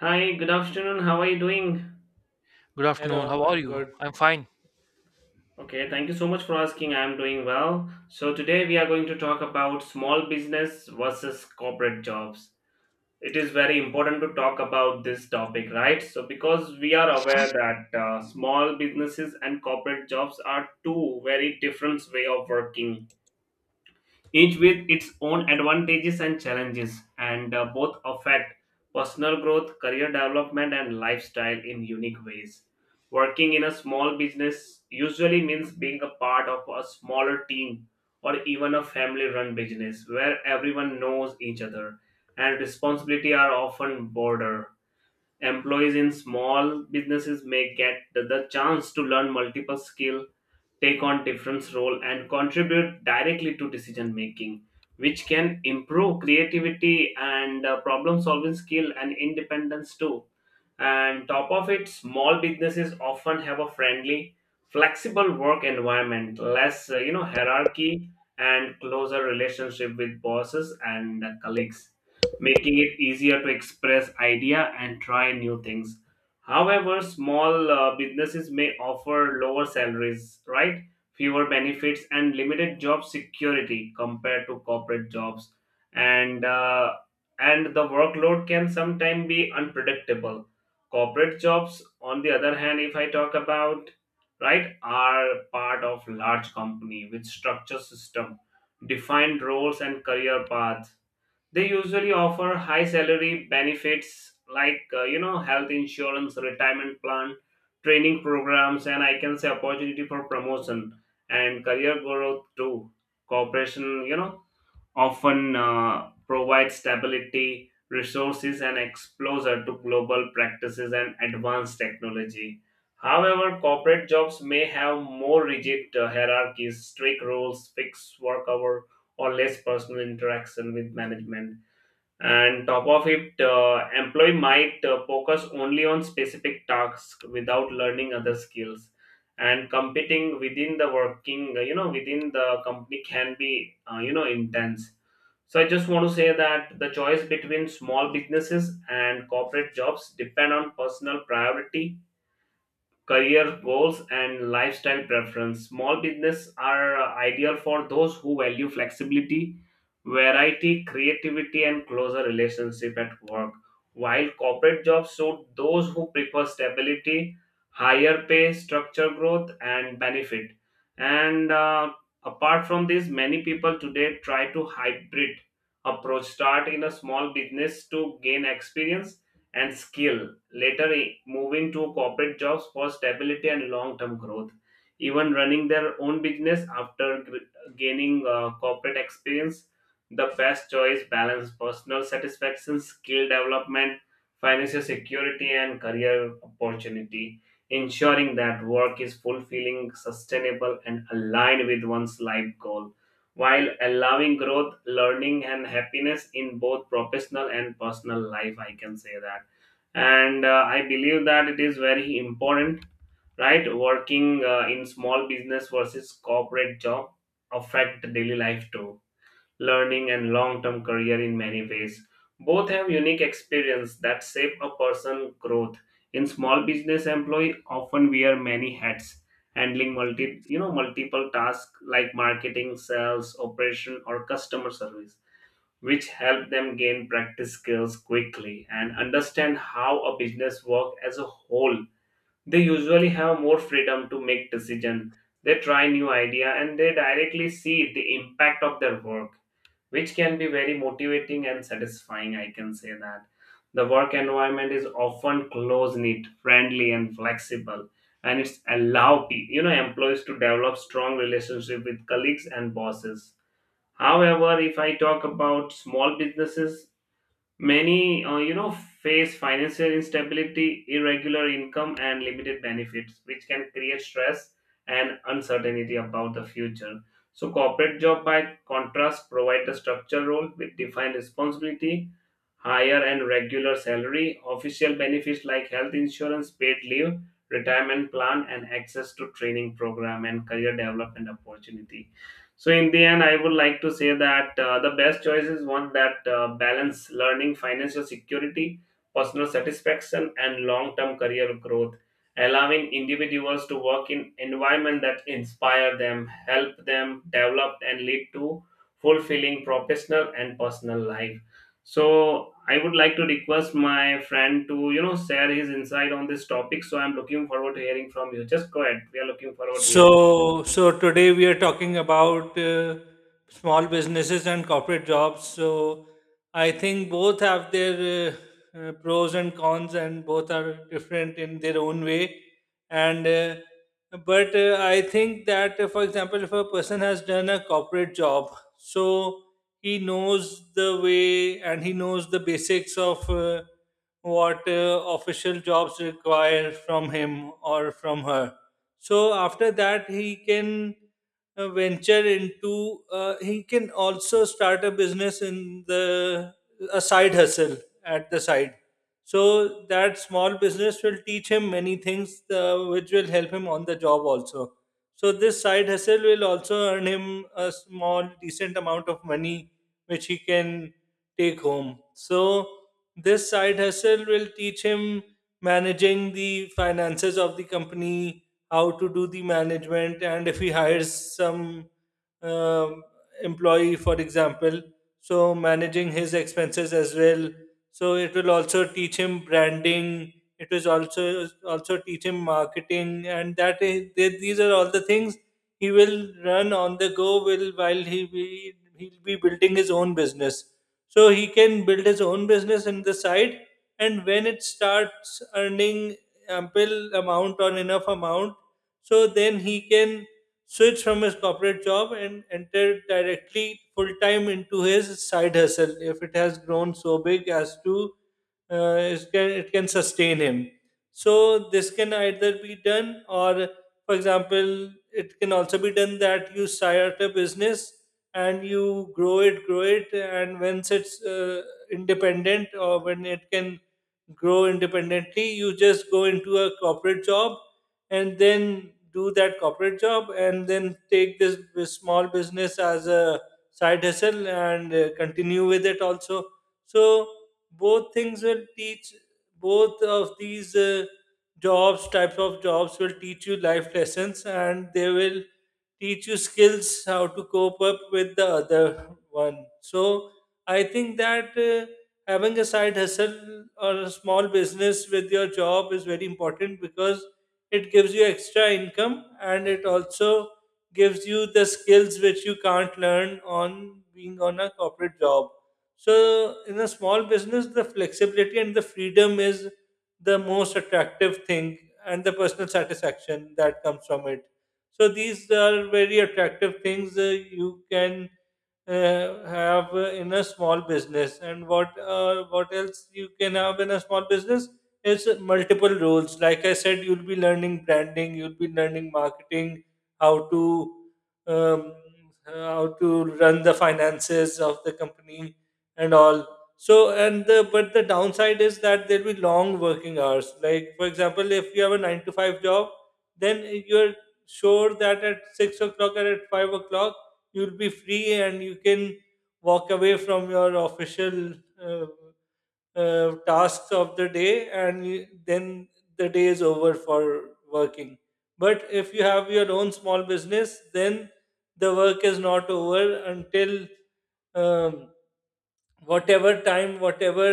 Hi, good afternoon. How are you doing? Good afternoon. Hello, How are I'm you? good. I'm fine. Okay, thank you so much for asking. I'm doing well. So, today we are going to talk about small business versus corporate jobs. It is very important to talk about this topic, right? So, because we are aware that small businesses and corporate jobs are two very different way of working, each with its own advantages and challenges, and both affect personal growth, career development, and lifestyle in unique ways. Working in a small business usually means being a part of a smaller team or even a family run business where everyone knows each other and responsibility are often broader. Employees in small businesses may get the chance to learn multiple skills, take on different role, and contribute directly to decision making, which can improve creativity and problem solving skill and independence too. And top of it, small businesses often have a friendly, flexible work environment, less hierarchy and closer relationship with bosses and colleagues, making it easier to express idea and try new things. However, small businesses may offer lower salaries, right, fewer benefits, and limited job security compared to corporate jobs. And uh, and the workload can sometimes be unpredictable. Corporate jobs, on the other hand, if I talk about, right, are part of large company with structure system, defined roles and career paths. They usually offer high salary benefits like, health insurance, retirement plan, training programs, and I can say opportunity for promotion and career growth too. Corporation, often provides stability, resources, and exposure to global practices and advanced technology. However, corporate jobs may have more rigid hierarchies, strict rules, fixed work hour, or less personal interaction with management. And top of it, employee might focus only on specific tasks without learning other skills. And competing within the working, within the company can be, intense. So I just want to say that the choice between small businesses and corporate jobs depend on personal priority, career goals, and lifestyle preference. Small business are ideal for those who value flexibility, variety, creativity, and closer relationship at work. While corporate jobs suit those who prefer stability, higher pay, structure growth, and benefit. And apart from this, many people today try to hybrid approach. Start in a small business to gain experience and skill, moving to corporate jobs for stability and long term growth. Even running their own business after gaining corporate experience, the best choice balance personal satisfaction, skill development, financial security, and career opportunity, ensuring that work is fulfilling, sustainable, and aligned with one's life goal, while allowing growth, learning, and happiness in both professional and personal life. I can say that. And I believe that it is very important, right, working in small business versus corporate job affect daily life too, learning and long term career in many ways. Both have unique experience that shape a person growth. In small business, employee often wear many hats, handling multiple tasks like marketing, sales, operation, or customer service, which help them gain practice skills quickly and understand how a business works as a whole. They usually have more freedom to make decisions. They try new idea and they directly see the impact of their work, which can be very motivating and satisfying. I can say that. The work environment is often close knit, friendly, and flexible, and it's allow employees to develop strong relationship with colleagues and bosses. However, if I talk about small businesses, many face financial instability, irregular income, and limited benefits, which can create stress and uncertainty about the future. So, corporate job, by contrast, provide a structured role with defined responsibility, higher and regular salary, official benefits like health insurance, paid leave, retirement plan, and access to training program and career development opportunity. So in the end, I would like to say that the best choice is one that balance learning, financial security, personal satisfaction, and long-term career growth, allowing individuals to work in environment that inspire them, help them develop, and lead to fulfilling professional and personal life. So I would like to request my friend to, share his insight on this topic. So I'm looking forward to hearing from you. Just go ahead. We are looking forward to hearing. So today we are talking about small businesses and corporate jobs. So, I think both have their pros and cons, and both are different in their own way. And but I think that, for example, if a person has done a corporate job, so he knows the way and he knows the basics of what official jobs require from him or from her. So after that, he can venture into. He can also start a business in the a side hustle at the side. So that small business will teach him many things, which will help him on the job also. So this side hustle will also earn him a small, decent amount of money, which he can take home. So this side hustle will teach him managing the finances of the company, how to do the management, and if he hires some um, employee for example, so managing his expenses as well. So it will also teach him branding, it was also also teach him marketing. And that is, these are all the things he will run on the go will while he'll be building his own business. So he can build his own business in the side, and when it starts earning ample amount or enough amount, so then he can switch from his corporate job and enter directly full time into his side hustle if it has grown so big as to it can, it can sustain him. So this can either be done, or for example, it can also be done that you start a business and you grow it, and once it's independent or when it can grow independently, you just go into a corporate job and then do that corporate job and then take this, small business as a side hustle and continue with it also. So both things will teach, both of these jobs types of jobs will teach you life lessons, and they will teach you skills how to cope up with the other one. So I think that having a side hustle or a small business with your job is very important because it gives you extra income, and it also gives you the skills which you can't learn on being on a corporate job. So, in a small business, the flexibility and the freedom is the most attractive thing, and the personal satisfaction that comes from it. So, these are very attractive things you can have in a small business. And what else you can have in a small business, it's multiple roles. Like I said, you'll be learning branding, you'll be learning marketing, how to um, how to run the finances of the company and all. So and the but the downside is that there'll be long working hours. Like for example, if you have a 9 to 5 job, then you're sure that at 6 o'clock or at 5 o'clock you'll be free and you can walk away from your official uh, tasks of the day, and then the day is over for working. But if you have your own small business, then the work is not over until um, whatever time, whatever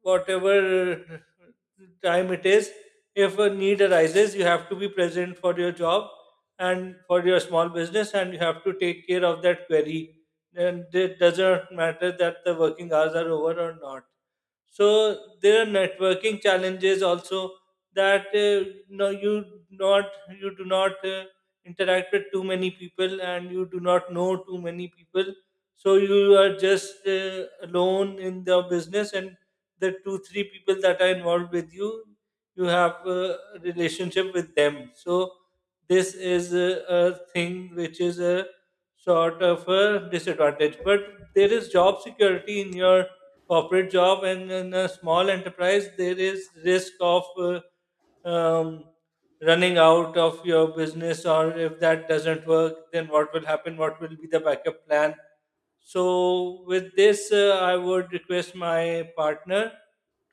whatever time it is, if a need arises, you have to be present for your job and for your small business, and you have to take care of that query. And it doesn't matter that the working hours are over or not. So there are networking challenges also, that no, you do not interact with too many people, and you do not know too many people. So you are just alone in the business, and the 2 3 people that are involved with you, you have a relationship with them. So this is a thing which is a sort of a disadvantage. But there is job security in your corporate job, and in a small enterprise there is risk of um, running out of your business, or if that doesn't work, then what will happen, what will be the backup plan. So, with this, I would request my partner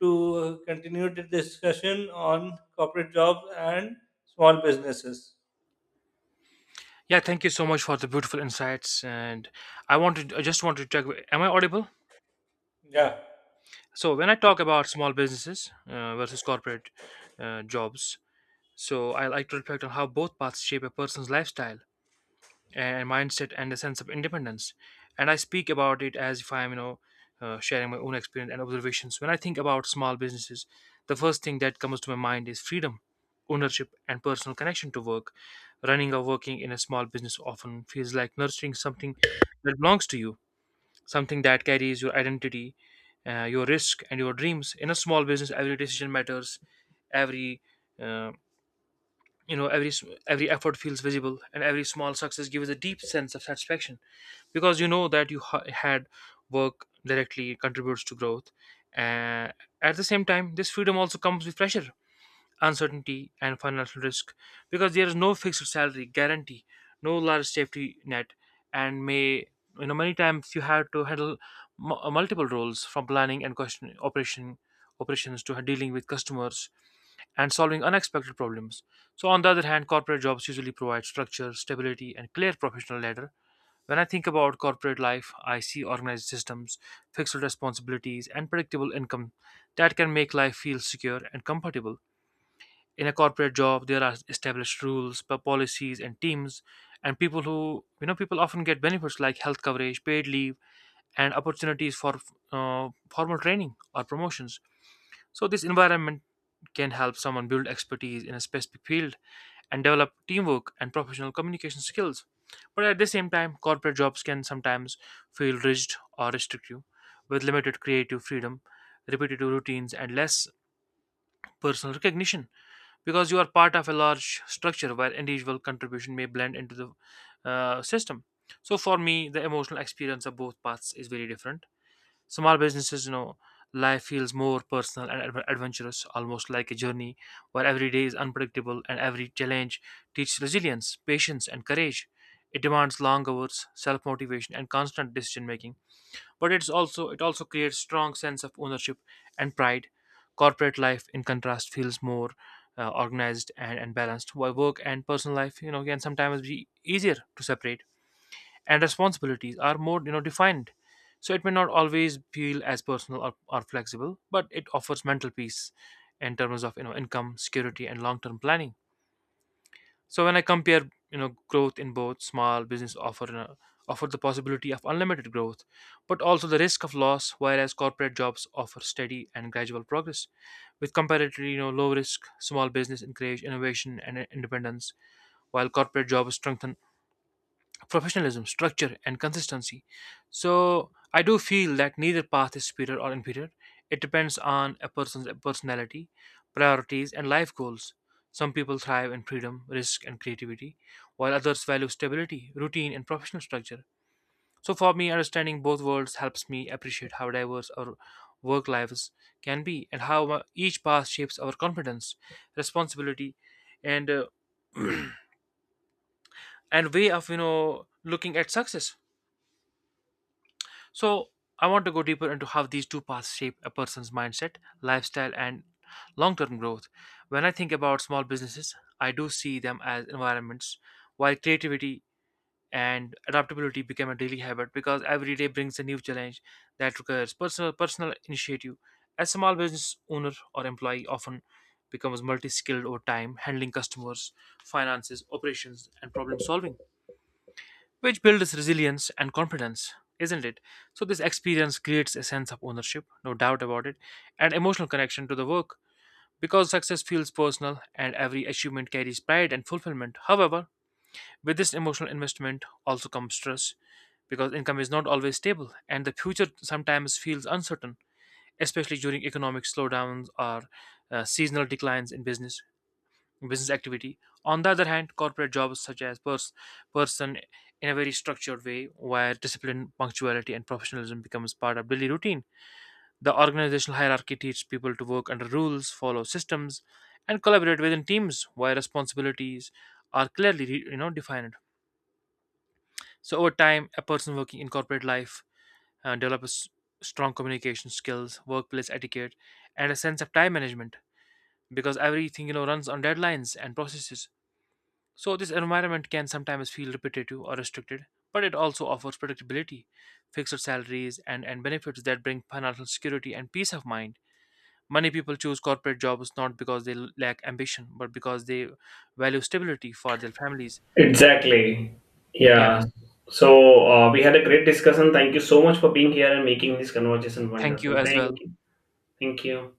to continue the discussion on corporate jobs and small businesses. Yeah, thank you so much for the beautiful insights. And I just wanted to check. Am I audible? Yeah. So when I talk about small businesses versus corporate jobs, so I like to reflect on how both paths shape a person's lifestyle, and mindset, and a sense of independence. And I speak about it as if I'm, sharing my own experience and observations. When I think about small businesses, the first thing that comes to my mind is freedom, ownership, and personal connection to work. Running or working in a small business often feels like nurturing something that belongs to you, something that carries your identity, your risk, and your dreams. In a small business, every decision matters, every uh, you know every s- every effort feels visible, and every small success gives a deep sense of satisfaction because you know that had work directly contributes to growth. Uh, at the same time, this freedom also comes with pressure, uncertainty, and financial risk, because there is no fixed salary guarantee, no large safety net, and may you know many times you have to handle multiple roles, from planning and question operation operations to dealing with customers and solving unexpected problems. So, on the other hand, corporate jobs usually provide structure, stability, and clear professional ladder. When I think about corporate life, I see organized systems, fixed responsibilities, and predictable income that can make life feel secure and comfortable. In a corporate job, there are established rules, policies, and teams, and people who you know people often get benefits like health coverage, paid leave, and opportunities for formal training or promotions. So, this environment can help someone build expertise in a specific field and develop teamwork and professional communication skills. But at the same time, corporate jobs can sometimes feel rigid or restrictive, with limited creative freedom, repetitive routines, and less personal recognition, because you are part of a large structure where individual contribution may blend into the system. So, for me, the emotional experience of both paths is very different. Small businesses, life feels more personal and adventurous, almost like a journey where every day is unpredictable and every challenge teaches resilience, patience, and courage. It demands long hours, self-motivation, and constant decision-making. But it also creates strong sense of ownership and pride. Corporate life, in contrast, feels more organized and, balanced, while work and personal life, can sometimes be easier to separate, and responsibilities are more, defined, so it may not always feel as personal or, flexible, but it offers mental peace in terms of, income security and long-term planning. So when I compare, growth in both, small business offer the possibility of unlimited growth but also the risk of loss, whereas corporate jobs offer steady and gradual progress with comparatively, low risk. Small business encourage innovation and independence, while corporate jobs strengthen professionalism, structure, and consistency. So I do feel that neither path is superior or inferior. It depends on a person's personality, priorities, and life goals. Some people thrive in freedom, risk, and creativity, while others value stability, routine, and professional structure. So for me, understanding both worlds helps me appreciate how diverse our work lives can be, and how each path shapes our confidence, responsibility, and uh, and way of, looking at success. So, I want to go deeper into how these two paths shape a person's mindset, lifestyle, and long term growth. When I think about small businesses, I do see them as environments while creativity and adaptability become a daily habit, because every day brings a new challenge that requires personal initiative. A small business owner or employee often becomes multi skilled over time, handling customers, finances, operations, and problem solving, which builds resilience and confidence, isn't it? So, this experience creates a sense of ownership, no doubt about it, and emotional connection to the work, because success feels personal and every achievement carries pride and fulfillment. However, with this emotional investment also comes stress, because income is not always stable and the future sometimes feels uncertain, especially during economic slowdowns or seasonal declines in business activity. On the other hand, corporate jobs such as person in a very structured way, where discipline, punctuality, and professionalism becomes part of daily routine. The organizational hierarchy teaches people to work under rules, follow systems, and collaborate within teams, where responsibilities are clearly defined. So over time, a person working in corporate life develops strong communication skills, workplace etiquette, and a sense of time management, because everything, runs on deadlines and processes. So, this environment can sometimes feel repetitive or restricted, but it also offers predictability, fixed salaries, and, benefits that bring financial security and peace of mind. Many people choose corporate jobs not because they lack ambition, but because they value stability for their families. Exactly. Yeah, Yeah. So we had a great discussion. Thank you so much for being here and making this conversation thank you wonderful. as Thank well. you. Thank you.